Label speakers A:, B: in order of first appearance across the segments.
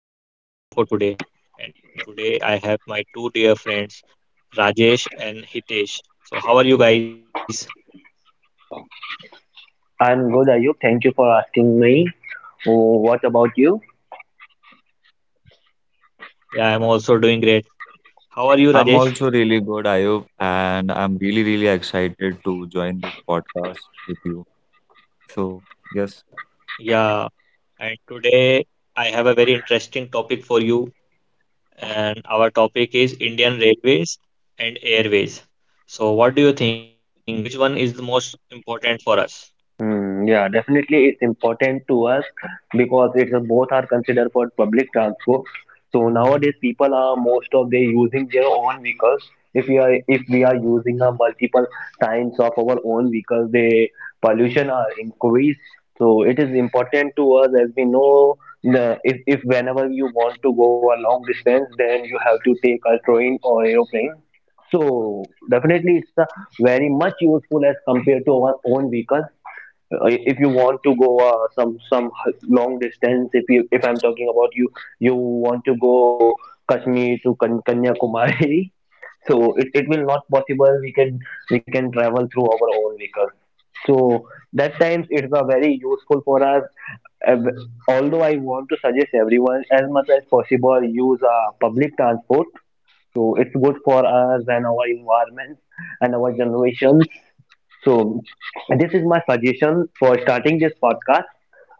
A: I'm Ayub, your host for today, and today I have my two dear friends, Rajesh and Hitesh. So, how are you guys?
B: I'm good, Ayub. Thank you for asking me. Oh, what about you?
A: Yeah, I'm also doing great. How are you,
C: I'm
A: Rajesh?
C: also really good, Ayub, and I'm really, really excited to join this podcast with you. So, yes.
A: Yeah, and today I have a very interesting topic for you, and our topic is Indian Railways and Airways. So, what do you think? Which one is the most important for us?
B: Hmm. Yeah, definitely it's important to us because it's both are considered for public transport. So nowadays people are most of they using their own vehicles. If we are using a multiple times of our own vehicles, the pollution are increased. So it is important to us as we know the, if whenever you want to go a long distance, then you have to take a train or aeroplane. So definitely it's a very much useful as compared to our own vehicles, if you want to go some long distance, if you if I'm talking about you, you want to go Kashmir to Kanyakumari. So it will not possible we can travel through our own vehicle. So that times it's a very useful for us. Uh, Although I want to suggest everyone as much as possible use public transport, so it's good for us and our environment and our generations. So this is my suggestion for starting this podcast.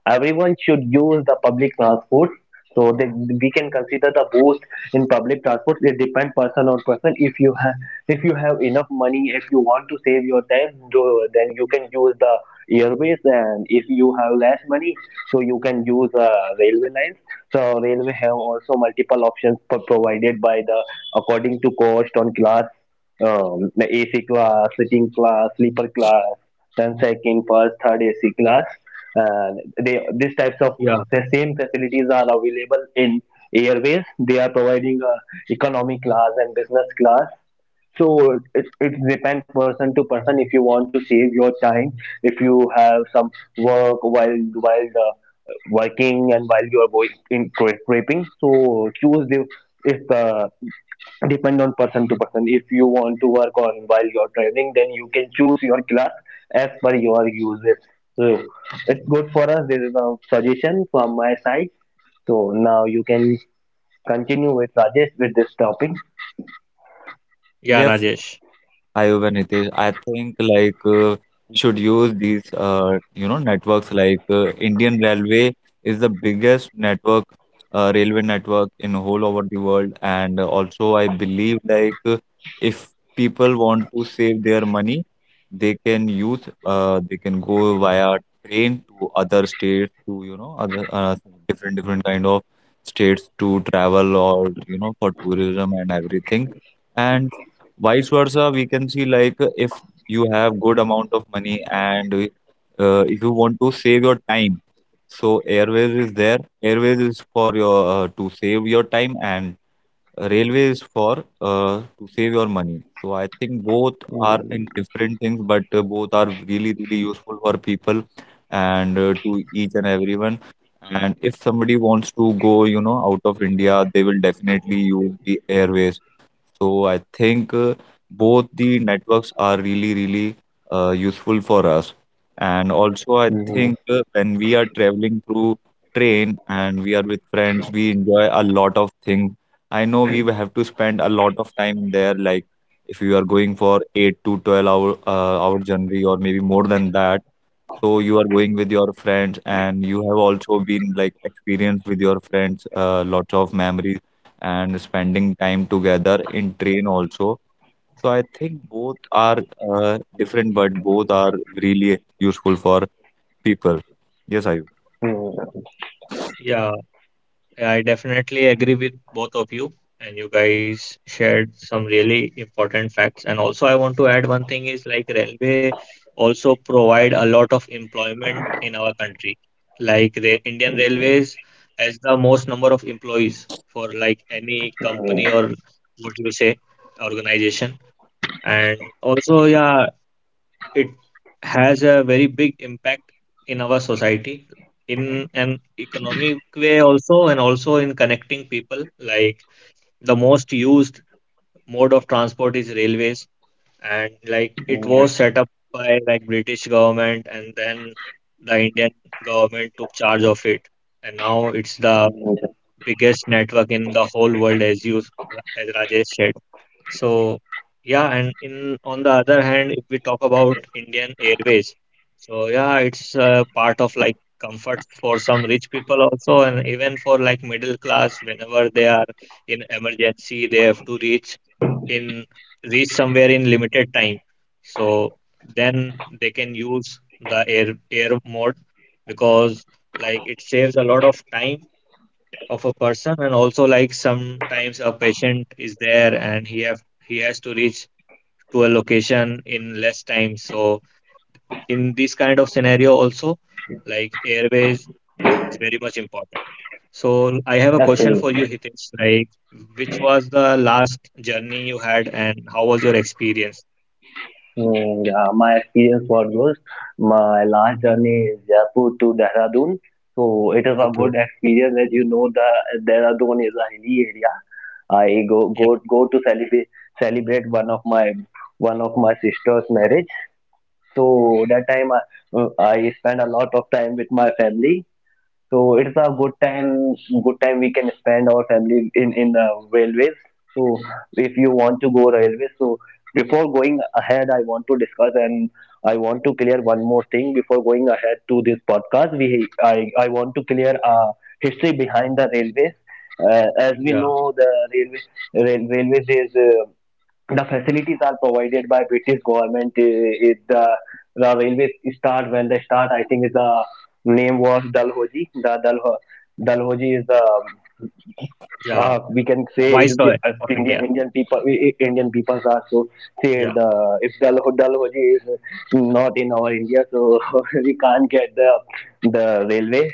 B: Everyone should use the public transport so that we can consider the boost in public transport. It depends person on person. If you have enough money, if you want to save your time, do, then you can use the airways. And if you have less money, so you can use railway lines. So railway have also multiple options provided by the, according to cost on class, the AC class, sitting class, sleeper class, then second, first, third AC class, and they these types of
A: Yeah,
B: the same facilities are available in airways. They are providing economy class and business class. So it depends person to person, if you want to save your time, if you have some work while while working and while you are going in prepping, so choose the if the, depend on person to person, if you want to work on while you're traveling, then you can choose your class as per your uses. So it's good for us. This is a suggestion from my side. So now you can continue with Rajesh with this topic.
C: Yes,
A: yeah, Rajesh.
C: hi, Uber Nitish. I think like we should use these networks like Indian Railway is the biggest network railway network in whole over the world. And also I believe like if people want to save their money, they can go via train to other states, to other different kind of states to travel, or for tourism and everything. And vice versa, we can see like if you have good amount of money, and if you want to save your time, so Airways is there. Airways is for your to save your time, and railway is for to save your money. So I think both are
B: Mm.
C: in different things, but both are really, really useful for people and to each and everyone. And if somebody wants to go, out of India, they will definitely use the Airways. So I think both the networks are really, really useful for us. And also, I think when we are traveling through train and we are with friends, we enjoy a lot of things. I know we will have to spend a lot of time there. Like, if you are going for 8 to 12 hour journey or maybe more than that, so you are going with your friends, and you have also been like experienced with your friends, lots of memories and spending time together in train also. So I think both are different, but both are really useful for people. Yes, Ayub.
B: Mm,
A: Yeah. Yeah, I definitely agree with both of you, and you guys shared some really important facts. And also, I want to add one thing is like railway also provide a lot of employment in our country. Like the Indian Railways has the most number of employees for like any company or what you say organization. And also, yeah, it has a very big impact in our society in an economic way also and also in connecting people like the most used mode of transport is railways, and like it
B: mm,
A: was set up by like British government, and then the Indian government took charge of it, and now it's the
B: mm,
A: biggest network in the whole world, as Rajesh said. So yeah, and in on the other hand, if we talk about Indian Airways, so yeah, it's part of like comfort for some rich people also, and even for like middle class, whenever they are in emergency, they have to in reach somewhere in limited time. So then they can use the air mode, because like it saves a lot of time of a person, and also like sometimes a patient is there and he has to reach to a location in less time. So in this kind of scenario also, like airways is very much important. So I have a question for you,
B: Absolutely.
A: Hitesh, like which was the last journey you had and how was your experience?
B: Yeah, my experience was good. My last journey is Jaipur to Dehradun. So it is a good
A: Okay.
B: experience. As you know, the Dehradun is a hilly area. I go
A: Yeah,
B: go go to celebrate one of my sister's marriage. So that time I spent a lot of time with my family. So it's a good time we can spend our family in in railways. So if you want to go railways, so before going ahead, I want to discuss and I want to clear one more thing before going ahead to this podcast. We I want to clear a history behind the railways. As we
A: yeah,
B: know, the railway, railways is the facilities are provided by British government. It, the, the railways start when they start. I think the name was Dalhousie. The Dalhousie is the,
A: yeah.
B: we can say it is
A: Viceroy of
B: Indian
A: India.
B: Indian people Indian peoples are so say
A: Yeah.
B: the, if Dalhousie is not in our India, so we can't get the railway.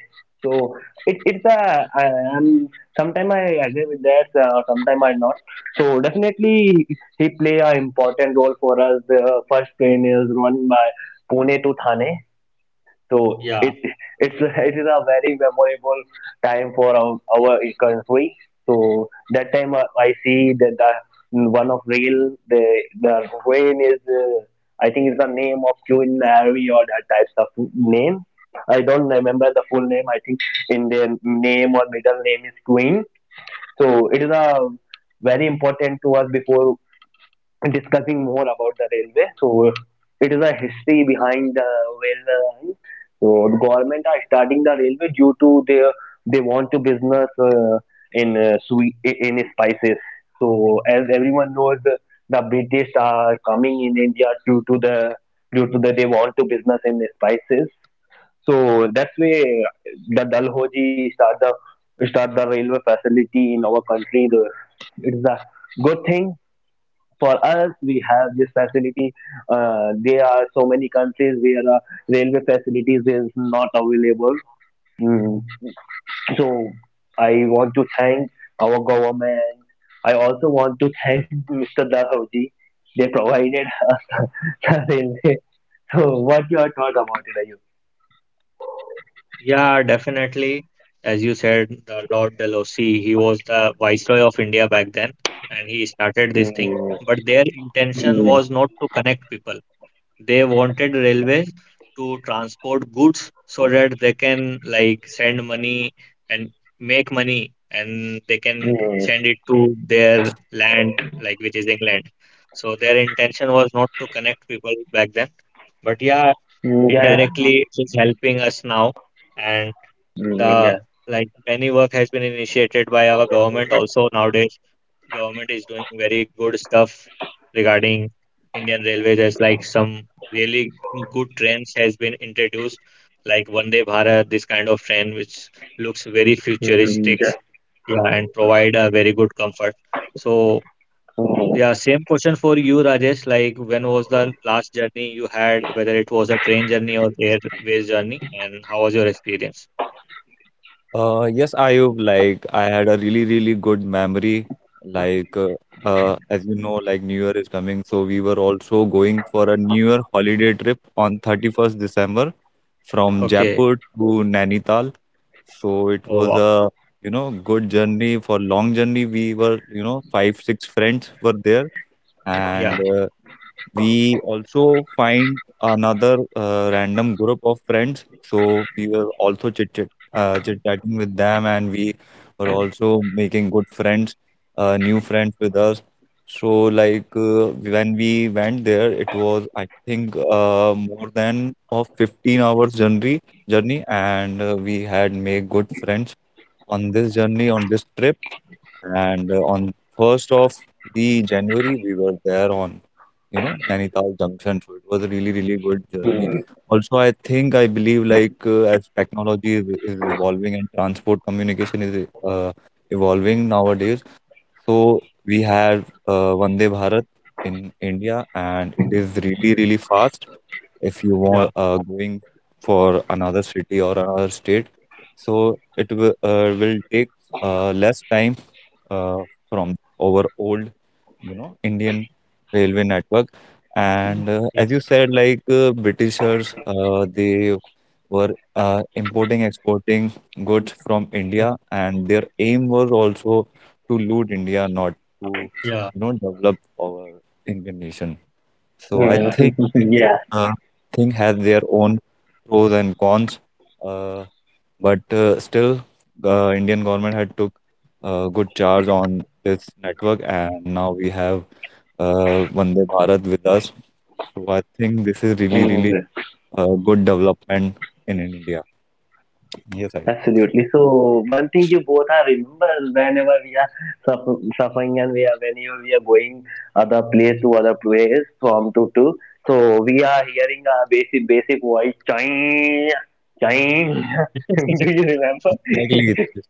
B: So it's a I'm sometime I agree with that, sometime I not. So definitely he play an important role for us. The first train is run by Pune to Thane, so
A: Yeah.
B: it's, it is a very memorable time for our country. So that time I see that one of real the rain is I think it's the name of Queen Mary or that types of name. I don't remember the full name. I think in their name or middle name is Queen. So it is a very important to us before discussing more about the railway. So it is a history behind the railway line. So the government are starting the railway due to their they want to business in sweet in spices. So as everyone knows, the British are coming in India due to the they want to business in spices. So that's why the Dalhousie start the railway facility in our country. It's a good thing for us we have this facility. There are so many countries where railway facilities is not available. Mm. So I want to thank our government. I also want to thank Mr. Dahavji. They provided us the railway. So what your thought about it, are you?
A: Yeah, definitely. As you said, the Lord Dalhousie, he was the Viceroy of India back then, and he started this thing.
B: Mm.
A: But their intention
B: Mm.
A: was not to connect people. They wanted railways to transport goods so that they can like send money and make money, and they can
B: Mm.
A: send it to their land, like which is England. So their intention was not to connect people back then. But yeah,
B: Mm. Yeah, yeah.
A: indirectly, it is helping us now, and the
B: Yeah.
A: like many work has been initiated by our government also. Nowadays government is doing very good stuff regarding Indian Railways, as like some really good trains has been introduced like Vande Bharat, this kind of train which looks very futuristic.
B: Yeah.
A: Yeah, and provide a very good comfort. So
B: Mm,
A: yeah, same question for you, Rajesh, like when was the last journey you had, whether it was a train journey or airways journey and how was your experience?
C: Yes, Ayub, like I had a really, really good memory. Like, as you know, like, New Year is coming, so we were also going for a New Year holiday trip on 31st December, from
A: Okay.
C: Jaipur to Nainital. So it
A: Oh,
C: was
A: wow.
C: a good journey for long journey. We were five six friends were there, and
A: Yeah,
C: we also find another random group of friends. So we were also chit chatting with them, and we were also making good friends, new friends with us. So like when we went there, it was I think more than of 15 hours journey, and we had made good friends on this journey, on this trip. And on first of the January, we were there on, Nainital Junction. So it was a really, really good journey.
B: mm,
C: Also, I think I believe like as technology is evolving, and transport communication is evolving nowadays. So we had Vande Bharat in India, and it is really, really fast if you
A: yeah,
C: want going for another city or another state. So it will take less time uh, from our old, Indian railway network. And
A: yeah,
C: as you said, like Britishers, they were importing, exporting goods from India, and their aim was also to loot India, not to,
A: yeah, yeah,
C: develop our Indian nation. So I
B: mm,
A: yeah,
C: think every thing has their own pros and cons. Uh, but still, the Indian government had took good charge on this network, and now we have Vande Bharat with us. So I think this is really, really
B: yeah.
C: a good development in India. Yes, I
B: Absolutely. So one thing you both are remember, whenever we are suffering and we are whenever we are going other place to other place from to to. So we are hearing a basic voice, ching ching.
A: yeah,
B: Do you remember?
C: exactly.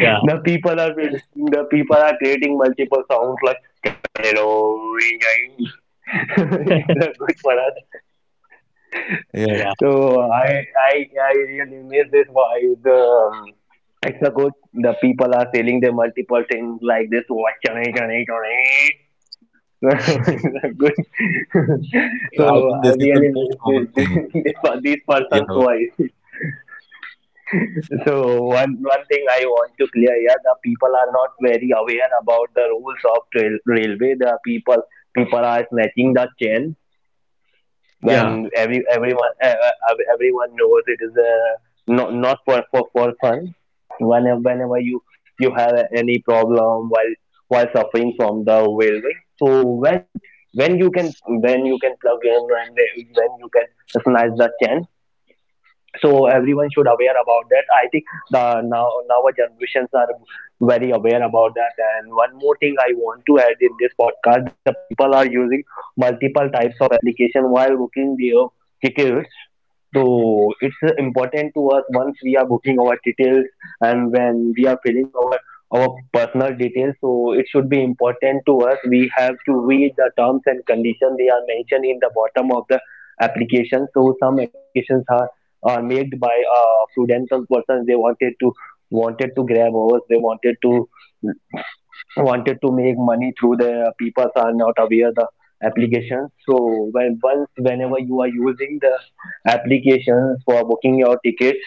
A: yeah,
B: The people are
C: this-
B: the people are creating multiple sounds like ching ching. It's a good for us.
C: Yeah,
A: yeah,
B: So I I I really miss this vibe. The It's a good. The people are selling their multiple things like this. What can I can I? Good. So
C: so I think
B: I
C: this is the
B: really
C: most
B: miss this,
C: common thing.
B: this this
C: Yeah.
B: person's voice. So one thing I want to clear here: the people are not very aware about the rules of railway. The people people are snatching the chain
A: yeah,
B: when everyone everyone knows it is not for, for fun. Whenever whenever you you have any problem while suffering from the whaleway, so when you can when you can plug in and when you can snatch the chance. So everyone should aware about that. I think the now our generations are very aware about that. And one more thing I want to add in this podcast: the people are using multiple types of application while booking their tickets. So it's important to us once we are booking our details and when we are filling our personal details. So it should be important to us. We have to read the terms and conditions they are mentioned in the bottom of the application. So some applications made by prudential persons. They wanted to wanted to grab over. They wanted to wanted to make money through the people are not aware the applications. So when once whenever you are using the applications for booking your tickets,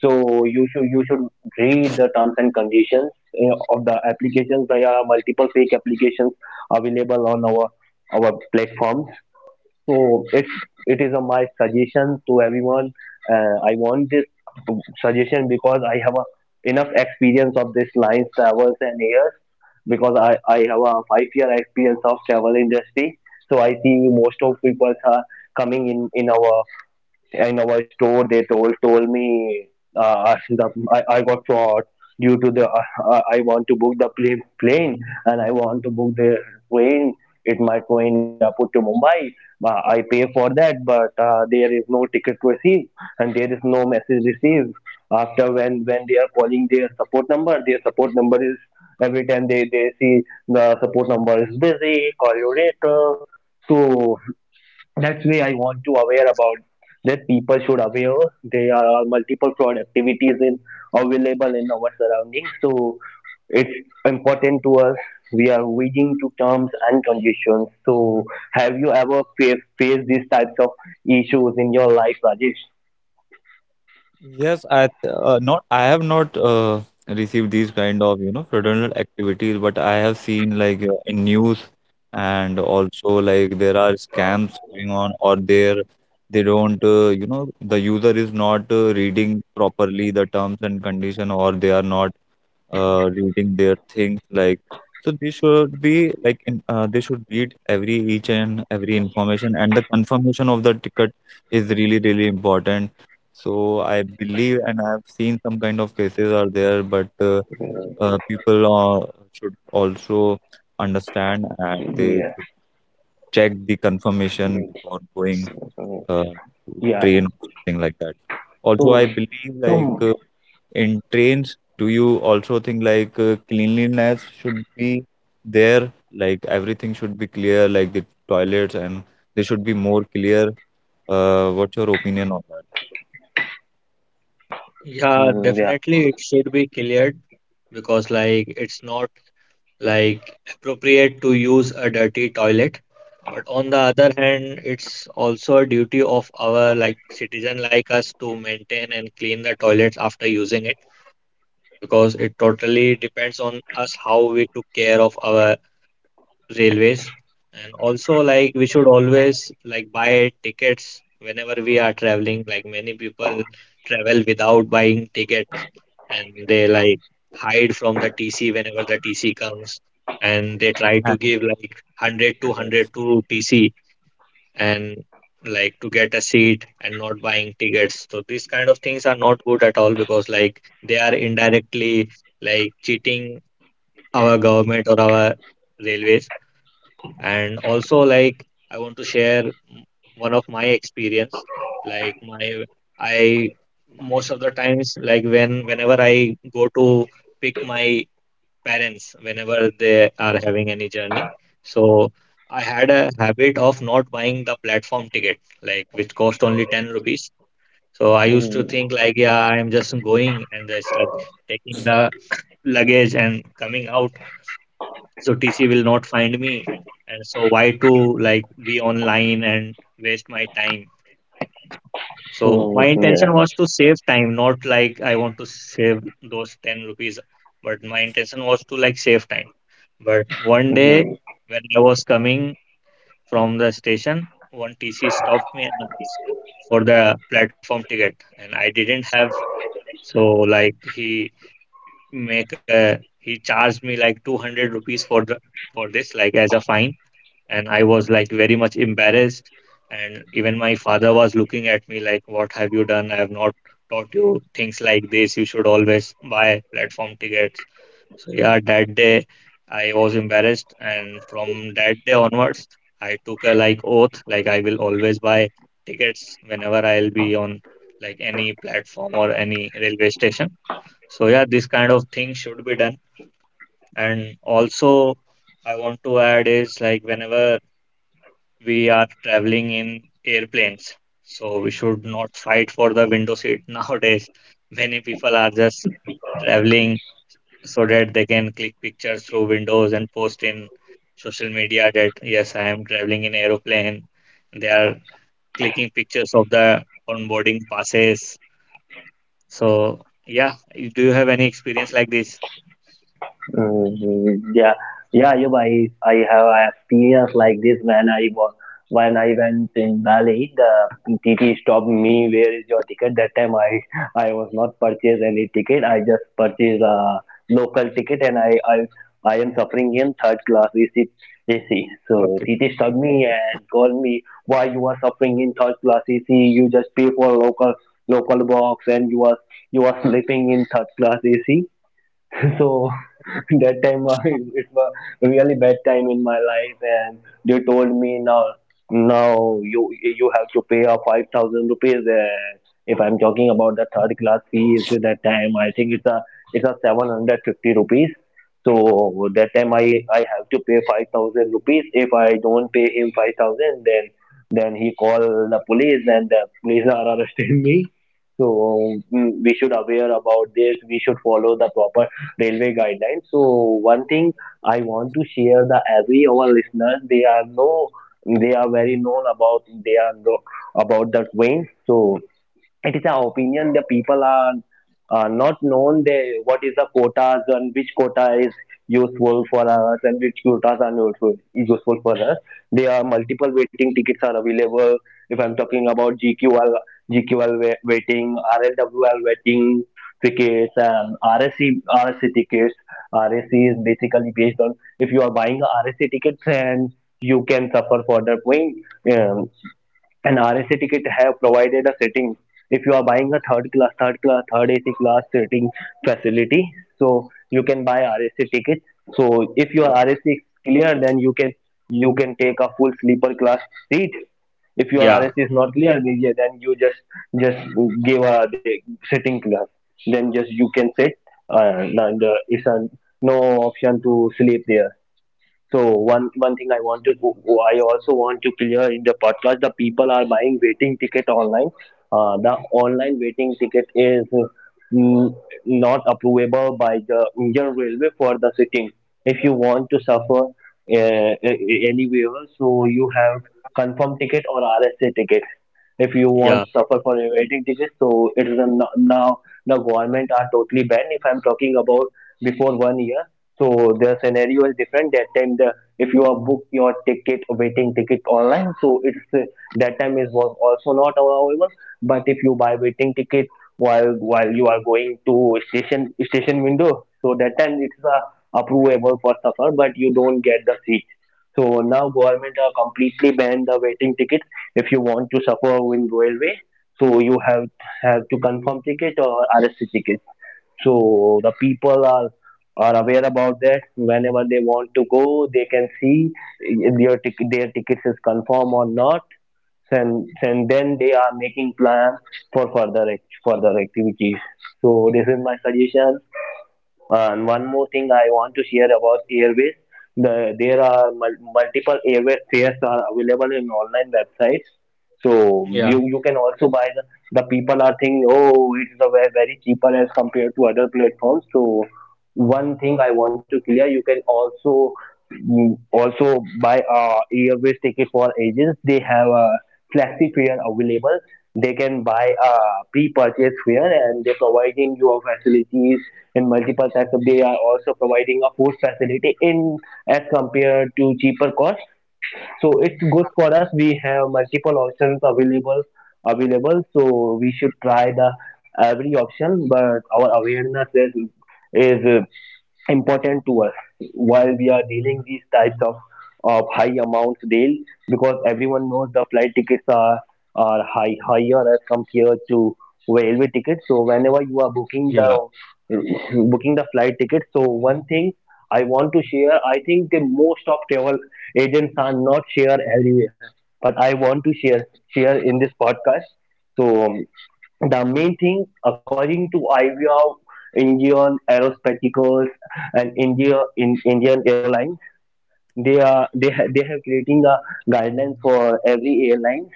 B: so you should read the terms and conditions of the applications. There are multiple fake applications available on our platform. So it is a, my suggestion to everyone. I want this suggestion because I have a, enough experience of this lines travels and airs because I have a 5 year experience of travel industry. So I see most of people are coming in our store they told me uh, the, I got fraud due to the I want to book the plane and I want to book the train. It my train is Jaipur to Mumbai. I pay for that but there is no ticket received and there is no message received after. When they are calling their support number, their support number is every time they see the support number is busy, call you later. So that's way I want to aware about that people should aware there are multiple fraud activities in available in our surroundings. So it's important to us we are waiting to terms and conditions. So have you ever faced these types of issues in your life, Rajesh?
C: Yes, not I have not received these kind of fraudulent activities, but I have seen like in news, and also like there are scams going on, or there they don't the user is not reading properly the terms and condition, or they are not reading their things like. So they should be like in, they should read every each and every information, and the confirmation of the ticket is really, really important. So I believe, and I have seen some kind of cases are there, but people should also understand, and they
B: Yeah
C: should check the confirmation before going
B: Mm.
C: to
B: yeah
C: train or something like that.
B: so
C: Also I believe like
B: so
C: in trains, do you also think like cleanliness should be there? Like, everything should be clear, like the toilets, and they should be more clear. What's your opinion on that?
A: yeah.
B: mm, yeah
A: Definitely, it should be cleared, because, like, it's not like appropriate to use a dirty toilet. But on the other hand, it's also a duty of our like citizen like us to maintain and clean the toilets after using it, because it totally depends on us how we took care of our railways. And also like we should always like buy tickets whenever we are traveling. Like many people travel without buying tickets, and they like hide from the TC whenever the TC comes, and they try to
C: And,
A: give like 100 200 to TC, and like to get a seat and not buying tickets. So these kind of things are not good at all, because like they are indirectly like cheating our government or our railways. And also, like, I want to share one of my experience. Like, I, most of the times, like, when, whenever I go to pick my parents, whenever they are having any journey. So, I had a habit of not buying the platform ticket, like, which cost only 10 rupees. So, I used to
B: Mm,
A: think, like, yeah, I'm just going and just like taking the luggage and coming out, so TC will not find me. And so why to like be online and waste my time? So my
B: mm,
A: intention was to save time, not like I want to save those 10 rupees, but my intention was to like save time. But one
B: yeah
A: day when I was coming from the station, one TC stopped me and asked for the platform ticket, and I didn't have. So like he make a he charged me like 200 rupees for the for this like as a fine, and I was like very much embarrassed. And even my father was looking at me like, "What have you done? I have not taught you things like this. You should always buy platform tickets." So, yeah, that day I was embarrassed. And from that day onwards, I took a like oath, like, I will always buy tickets whenever I'll be on like any platform or any railway station. So, yeah, this kind of thing should be done. And also, I want to add is like whenever we are traveling in airplanes, so we should not fight for the window seat nowadays. Many people are just traveling so that they can click pictures through windows and post in social media that yes, I am traveling in aeroplane. They are clicking pictures of the onboarding passes. So yeah, do you have any experience like this?
B: Mhm. Yeah, yeah, you I have a experience like this when I was when I went in Bali. The T T stopped me. Where is your ticket? That time I was not purchased any ticket. I just purchased a local ticket, and I am suffering in third class AC. So
A: Okay.
B: T T stopped me and called me. Why you are suffering in third class AC? You just pay for local box, and you are sleeping in third class AC. So that time it was really bad time in my life, and they told me now you have to pay a 5,000 rupees. And if I'm talking about the third class fees at that time, I think it's a 750 rupees. So that time I have to pay 5,000 rupees. If I don't pay him 5,000, then he call the police and the police are arresting me. We should aware about this. We should follow the proper railway guidelines. So one thing I want to share the every our listeners they are know they are very known about they are know about the train. So it is an opinion the people are not known they, what is the quotas and which quota is useful for us and which quotas are not useful for us. There are multiple waiting tickets are available. If I'm talking about GQL, waiting, RLWL waiting tickets and RSC tickets. RSC is basically based on if you are buying a RSC tickets and you can suffer for the wing an RSA ticket have provided a sitting. If you are buying a third AC class sitting facility, so you can buy RSA ticket. So if your
A: Yeah.
B: RSA is clear, then you can take a full sleeper class seat. If your RSA
A: Yeah.
B: is not clear, then yeah, you just give a the sitting class. Then just you can sit, and it's a, no option to sleep there. So one thing I want to I also want to clear in the podcast the people are buying waiting ticket online. The online waiting ticket is mm, not approvable by the Indian Railway for the sitting. If you want to suffer anywhere, so you have confirm ticket or RSA ticket. If you want to
A: Yeah.
B: suffer for a waiting ticket, so it is a, now the government are totally banned. If I'm talking about before 1 year, so the scenario is different. That time, the if you are book your ticket, waiting ticket online, so it's that time is was also not available. But if you buy waiting ticket while you are going to station window, so that time it's approvable for suffer, but you don't get the seat. So now government are completely banned the waiting tickets. If you want to suffer in railway, so you have to confirm ticket or RSC ticket. So the people are aware about that whenever they want to go, they can see if their tickets is confirmed or not, and then they are making plans for further activities. So this is my suggestion. Uh, and one more thing I want to share about Airways. There are multiple Airways fares are available in online websites. So
A: Yeah.
B: you can also buy the people are thinking, oh, it's a very, very cheaper as compared to other platforms. So one thing I want to clear, you can also buy airways ticket for agents. They have a flexi fare available. They can buy a pre-purchase fare and they're providing you facilities in multiple They are also providing a food facility in as compared to cheaper cost. So it's good for us. We have multiple options available. So we should try the every option, but our awareness is is uh, important to us while we are dealing these types of high amounts deal because everyone knows the flight tickets are higher as compared to railway tickets. So whenever you are booking the
A: Yeah.
B: booking the flight ticket. So one thing I want to share, I think the most of travel agents are not share everywhere, but I want to share in this podcast. So the main thing, according to IVR, Indian Aerospecticals and Indian Airlines, they are they have creating a guideline for every airline.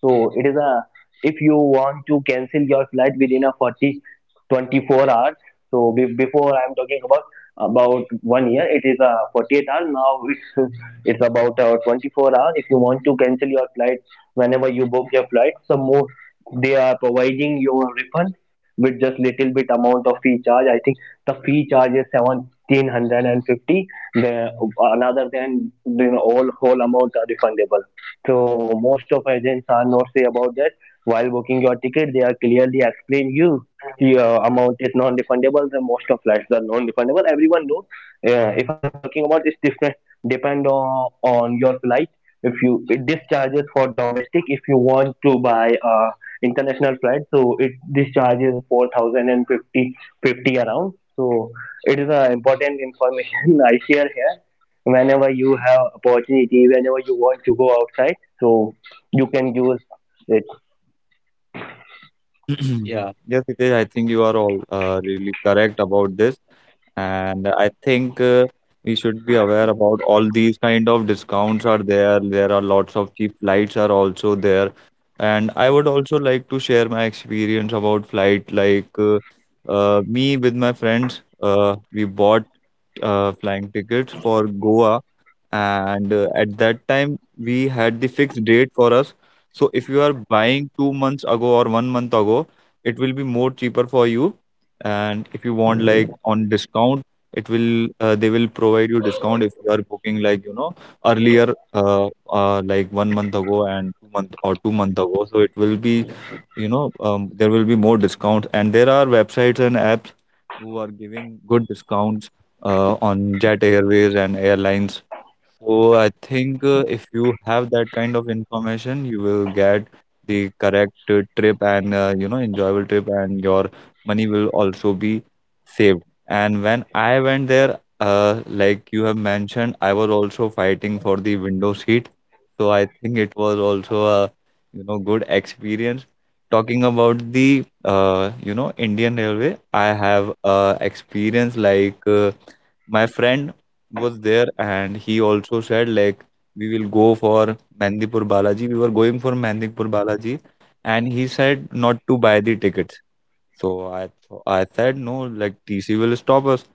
B: So it is a if you want to cancel your flight within a 40 24 hours. So before I'm talking about 1 year, it is a 48 hours. Now it's about 24 hours. If you want to cancel your flight whenever you book your flight, some more they are providing your refund with just little bit amount of fee charge. I think the fee charge is 1750. The another than you know all whole amounts are refundable. So most of agents are not say about that. While booking your ticket they are clearly explain you your amount is non-refundable. The most of flights are non-refundable, everyone knows. If I'm talking about it's different depend on your flight. If you it, this charges for domestic. If you want to buy international flight, so it this charges four thousand and fifty around. So it is an important information I share here. Whenever you have opportunity, whenever you want to go outside, so you can use it.
C: yes,
A: Yeah.
C: yes, Hitesh, I think you are all really correct about this. And I think we should be aware about all these kind of discounts are there. There are lots of cheap flights are also there. And I would also like to share my experience about flight. Like, me with my friends, we bought flying tickets for Goa, and at that time we had the fixed date for us. So if you are buying 2 months ago or 1 month ago, it will be more cheaper for you. And if you want like
B: Mm,
C: on discount, it will they will provide you discount if you are booking like earlier, like 1 month ago and 2 month ago. So it will be you know there will be more discounts, and there are websites and apps who are giving good discounts on Jet Airways and airlines. So I think if you have that kind of information, you will get the correct trip, and enjoyable trip, and your money will also be saved. And when I went there, like you have mentioned, I was also fighting for the window seat, so I think it was also a good experience. Talking about the Indian Railway, I have experience like. My friend was there, and he also said like we will go for Mandipur Balaji. We were going for Mandipur Balaji, and he said not to buy the tickets. So I said no, like, TC will stop us.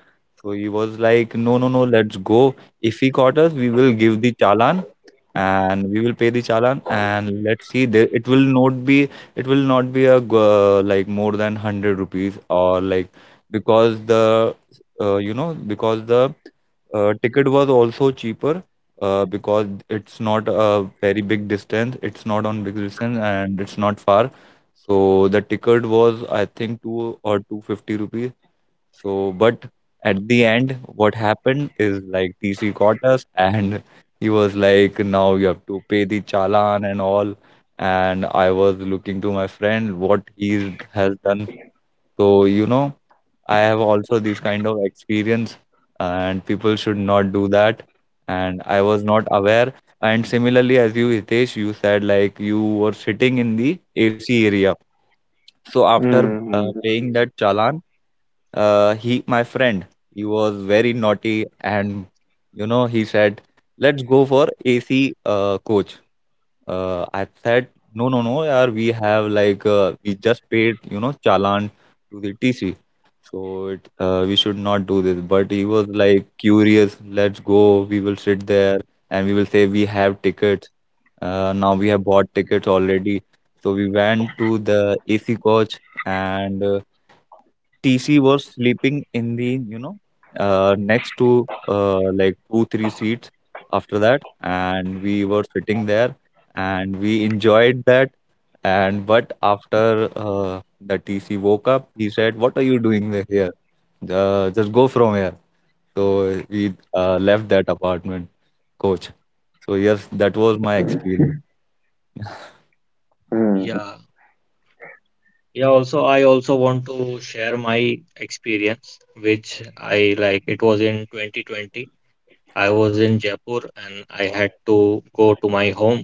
C: So he was like, no, no, no, let's go. If he caught us, we will give the challan, and we will pay the challan, and let's see, there it will not be, like more than 100 rupees, or like, because the because the ticket was also cheaper because it's not a very big distance, it's not on big distance, and it's not far. So the ticket was I think 2 or 250 rupees. So, but at the end, what happened is like TC caught us, and he was like, now you have to pay the challan and all. And I was looking to my friend what he has done. So, I have also this kind of experience, and people should not do that. And I was not aware. And similarly, as you, Hitesh, you said like you were sitting in the AC area. So after paying that challan, he my friend he was very naughty, and he said, let's go for AC coach. I said, no, no, no, yaar, we have like we just paid challan to the TC. So we should not do this, but he was like curious, let's go, we will sit there, and we will say we have tickets. Now we have bought tickets already. So we went to the AC coach, and TC was sleeping in the, next to like, two, three seats after that. And we were sitting there, and we enjoyed that. And but after the TC woke up, he said, what are you doing there here? Just go from here. So we left that apartment, coach. So, yes, that was my experience.
B: mm, mm,
A: Yeah. Yeah, also I also want to share my experience, which I like. It was in 2020. I was in Jaipur and I had to go to my home,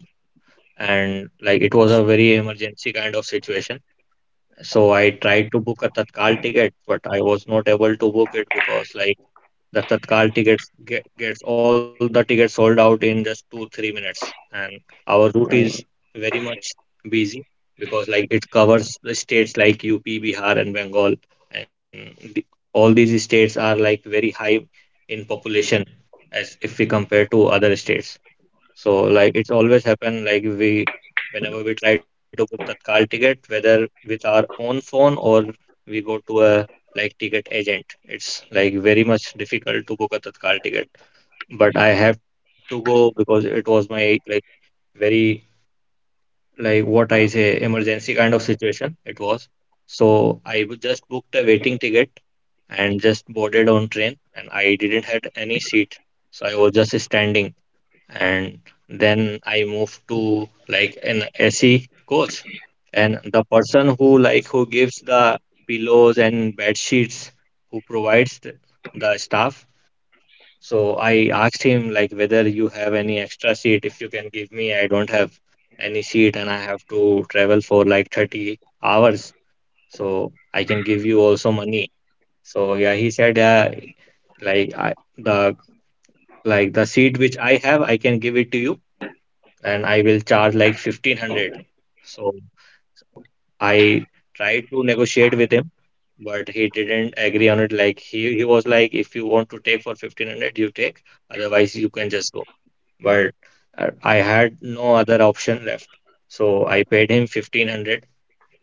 A: and like it was a very emergency kind of situation. So I tried to book a Tatkal ticket, but I was not able to book it, because like that Tatkal tickets gets all the tickets sold out in just two three minutes, and our route
B: mm,
A: is very much busy because like it covers the states like UP, Bihar and Bengal, and the, all these states are like very high in population as if we compare to other states. So like it's always happen like we whenever we try to book Tatkal ticket, whether with our own phone or we go to a like ticket agent. It's like very much difficult to book a Tatkal ticket. But I have to go because it was my like very like what I say emergency kind of situation it was. So I just booked a waiting ticket and just boarded on train, and I didn't had any seat. So I was just standing, and then I moved to like an SE coach, and the person who like who gives the pillows and bed sheets, who provides the staff, so I asked him like whether you have any extra seat if you can give me. I don't have any seat and I have to travel for like 30 hours, so I can give you also money. So yeah, he said yeah, like I, the like the seat which I have I can give it to you, and I will charge like 1500. So I tried to negotiate with him, but he didn't agree on it. Like he was like, if you want to take for 1500, you take, otherwise you can just go. But I had no other option left. So I paid him 1500,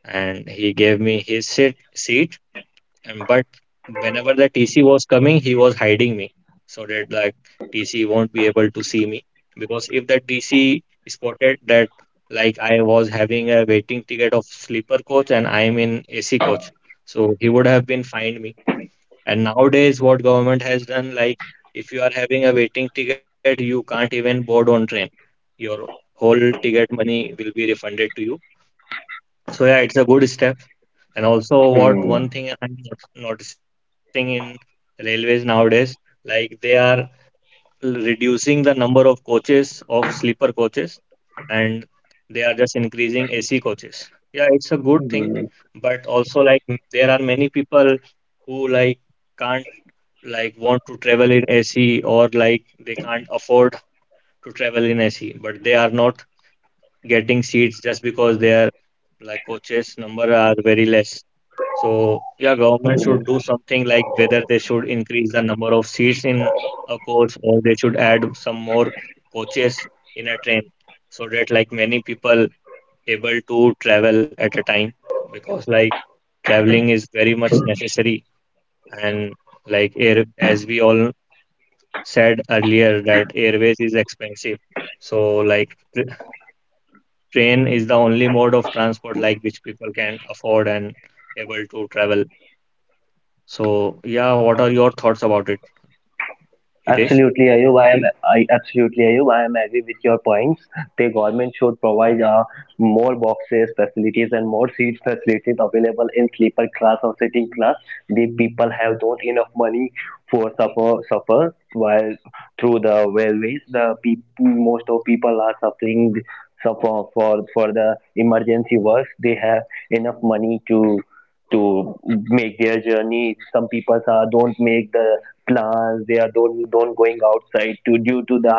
A: and he gave me his seat, and but whenever the TC was coming, he was hiding me so that like TC won't be able to see me. Because if the TC spotted that like I was having a waiting ticket of sleeper coach and I'm in AC coach, so he would have been fined me. And nowadays, what government has done, like if you are having a waiting ticket, you can't even board on train. Your whole ticket money will be refunded to you. So yeah, it's a good step. And also,
B: mm,
A: what one thing I'm noticing in railways nowadays, like they are reducing the number of coaches of sleeper coaches, and they are just increasing AC coaches. Yeah, it's a good thing,
B: mm,
A: but also like there are many people who like can't like want to travel in AC or like they can't afford to travel in AC, but they are not getting seats just because their like coaches number are very less. So yeah, government should
B: mm.
A: do something like whether they should increase the number of seats in a coach or they should add some more coaches in a train, so that like many people able to travel at a time, because like traveling is very much necessary. And like air as we all said earlier that airways is expensive. So like tr train is the only mode of transport like which people can afford and able to travel. So, yeah, what are your thoughts about it, Hitesh?
B: Absolutely, Ayub. I am I absolutely Ayub. I am agree with your points. The government should provide more boxes facilities and more seat facilities available in sleeper class or sitting class. The people have don't enough money for supper while through the railways. The people most of people are suffer for the emergency works. They have enough money to make their journey. Some people are, don't make the plans. They are don't going outside to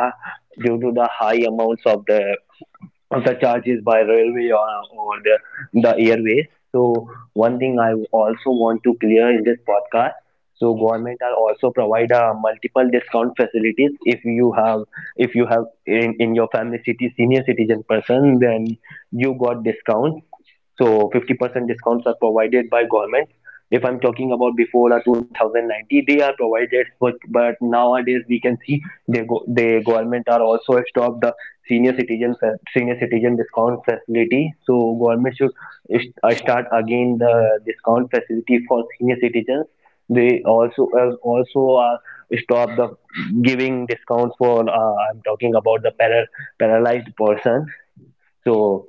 B: due to the high amounts of the charges by railway, or the airways. So one thing I also want to clear in this podcast. So government are also provide multiple discount facilities. If you have if you have in your family city senior citizen person, then you got discounts. So 50% discounts are provided by government. If I'm talking about before 2090, they are provided, but nowadays we can see they go, the government are also stopped the senior citizen senior citizen discount facility. So government should start again the discount facility for senior citizens. They also stop the giving discounts for I'm talking about the paralyzed person. So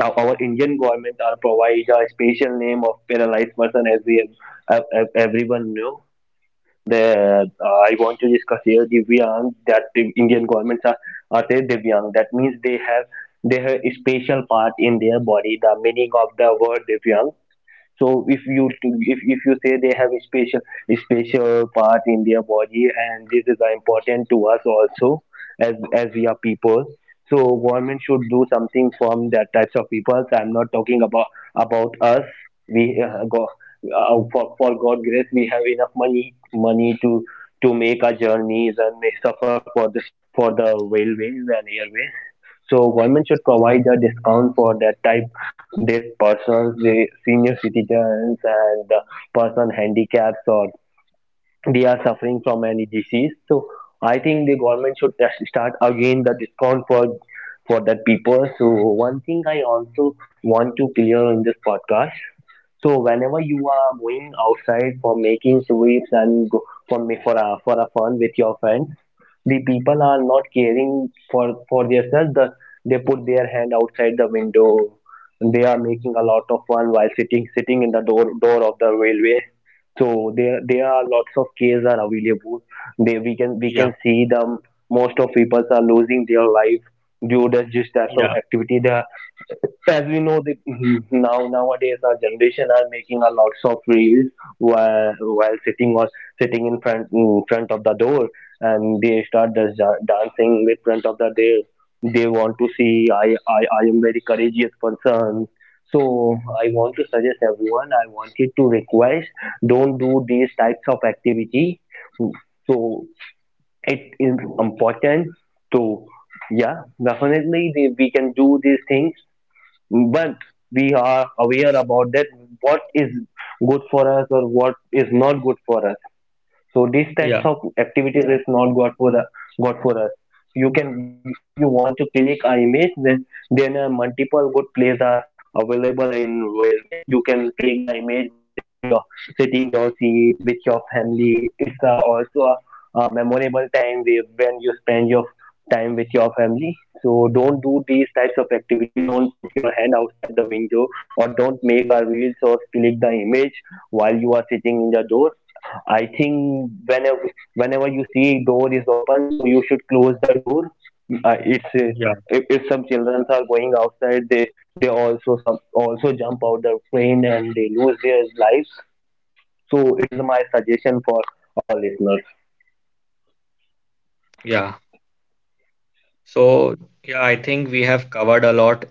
B: now, our Indian government are provide a special name of paralyzed person, as we everyone know. The I want to discuss here Divyang, that the Indian governments are say Divyang. That means they have a special part in their body. The meaning of the word Divyang, so if you say they have a special part in their body, and this is important to us also as we are people. So government should do something from that types of people. So I'm not talking about us. We go for God grace we have enough money to make our journeys and may suffer for the railways and airways. So government should provide a discount for that type, that persons, the senior citizens and the person handicaps, or they are suffering from any disease. So I think the government should just start again the discount for that people. So one thing I also want to clear in this podcast. So whenever you are going outside for making sweeps and go for me for a fun with your friends, the people are not caring for themselves. The, they put their hand outside the window. They are making a lot of fun while sitting in the door of the railway. So there are lots of cases are available. They we
A: Yeah,
B: can see them. Most of people are losing their life due to this type of
A: yeah,
B: activity. The as we know the mm-hmm, now nowadays our generation are making a lots of reels while sitting in front of the door, and they start just dancing with front of the door. They want to see I am very courageous person. So I want to suggest everyone. I wanted to request don't do these types of activity. So it is important to, yeah, definitely we can do these things, but we are aware about that what is good for us or what is not good for us. So these types
A: yeah,
B: of activities is not good for the good for us. You can if you want to click an image, then multiple good plays are available in railways. You can click the image by sitting your seat with your family. It's also a memorable time when you spend your time with your family. So don't do these types of activity. Don't put your hand outside the window or don't make a reels or click the image while you are sitting in the door. I think whenever you see door is open, so you should close the door. It's
A: yeah,
B: If some children are going outside, they also some also jump out the plane and they lose their lives. So it is my suggestion for our listeners.
A: yeah. So, yeah, I think we have covered a lot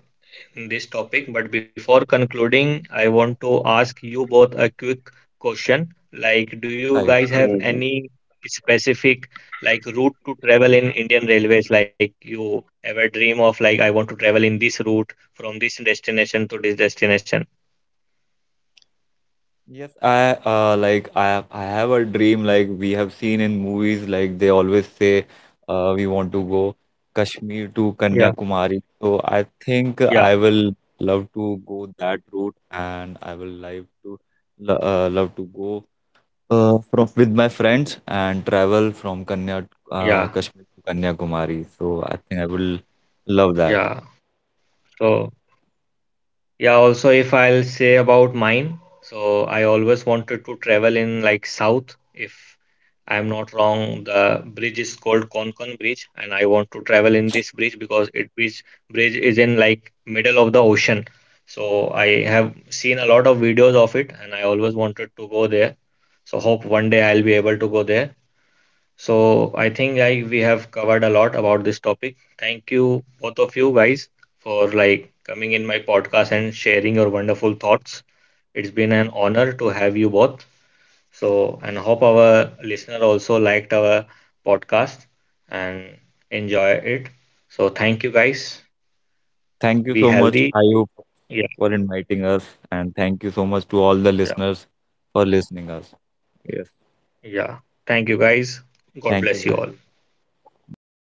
A: in this topic, but before concluding, I want to ask you both a quick question. Like, do you guys
C: I
A: have
B: Mm.
A: any specific like route to travel in Indian Railways? Like, you ever dream of like I want to travel in this route
B: Hmm.
A: from this
B: Yeah,
A: destination to this
B: I want to
A: destination?
B: suggest everyone can go
C: Yes,
B: Kanyakumari,
C: I
B: Kashmir to
C: like I
B: Kanyakumari,
C: I
B: and
C: have a
B: one more
C: dream.
B: place.
C: Like, we have
B: Whenever
C: seen in
B: you go
C: movies,
B: to
C: like, they
B: Kashmir, you
C: always
B: can
C: say we want
B: also
C: to
B: go
C: go
B: Jammu to Kashmir.
C: Kashmir to
B: The middle
A: Yeah,
B: of the
C: Kanyakumari. So
B: middle
C: I
B: of the way,
C: think
A: yeah,
B: we
C: I
B: can
C: will
B: see a
C: love to go
B: river.
C: that route,
B: The
C: and I will like
B: river is
C: to
B: really
C: love to go
B: beautiful. The train train
C: from
B: is the
C: with my friends
B: covering
C: and
B: for the
C: travel from
B: pool.
C: Kanya
B: The whole
A: yeah,
B: pool
C: Kashmir
B: is
C: to
B: made
C: Kanyakumari.
B: on
C: So I
B: made
C: think I
B: on
C: will
B: the
C: love that.
B: just
A: yeah.
B: a very
A: So.
B: thin railway line. So
A: Yeah, also
B: that
A: if
B: time
A: I'll
B: that time
A: say about
B: I was
A: mine,
B: scared.
A: so
B: I
A: I
B: think
A: always wanted to travel
B: it
A: in
B: will be
A: like
B: break
A: south.
B: on or
A: If
B: not. So
A: I'm not
B: I want to
A: wrong,
B: suggest
A: the
B: everyone they
A: bridge
B: can
A: is
B: go.
A: called
B: It is a
A: Konkon Bridge,
B: completely
A: and I want to
B: safe,
A: travel in this
B: but
A: bridge
B: it's
A: because
B: a you
A: it
B: can
A: bridge
B: enjoy a
A: bridge
B: lot
A: is in
B: whenever
A: like
B: you go
A: middle
B: this
A: of the
B: this
A: ocean.
B: place. So
A: So I
B: this is
A: have
B: my
A: seen a
B: suggestion.
A: lot of videos of it, and I always wanted to go there. So hope one day I'll be able to go there. So I think like we have
B: Yeah,
A: covered a
B: Rajesh, you
A: lot
B: can
A: about this
B: continue.
A: topic. Thank you both of you guys for like coming in my podcast and sharing your wonderful thoughts. It's been an honor to have you both. So and hope our listener also liked our podcast and enjoy it. So thank you guys.
C: Thank you
A: Be
C: so much.
A: healthy.
C: I hope
A: Yeah,
C: for inviting us, and thank you so much to all
A: yeah,
C: the listeners for listening us. Yes,
A: yeah. Thank you guys. God
C: thank you
A: bless you
C: guys.
A: all.
C: Bye bye.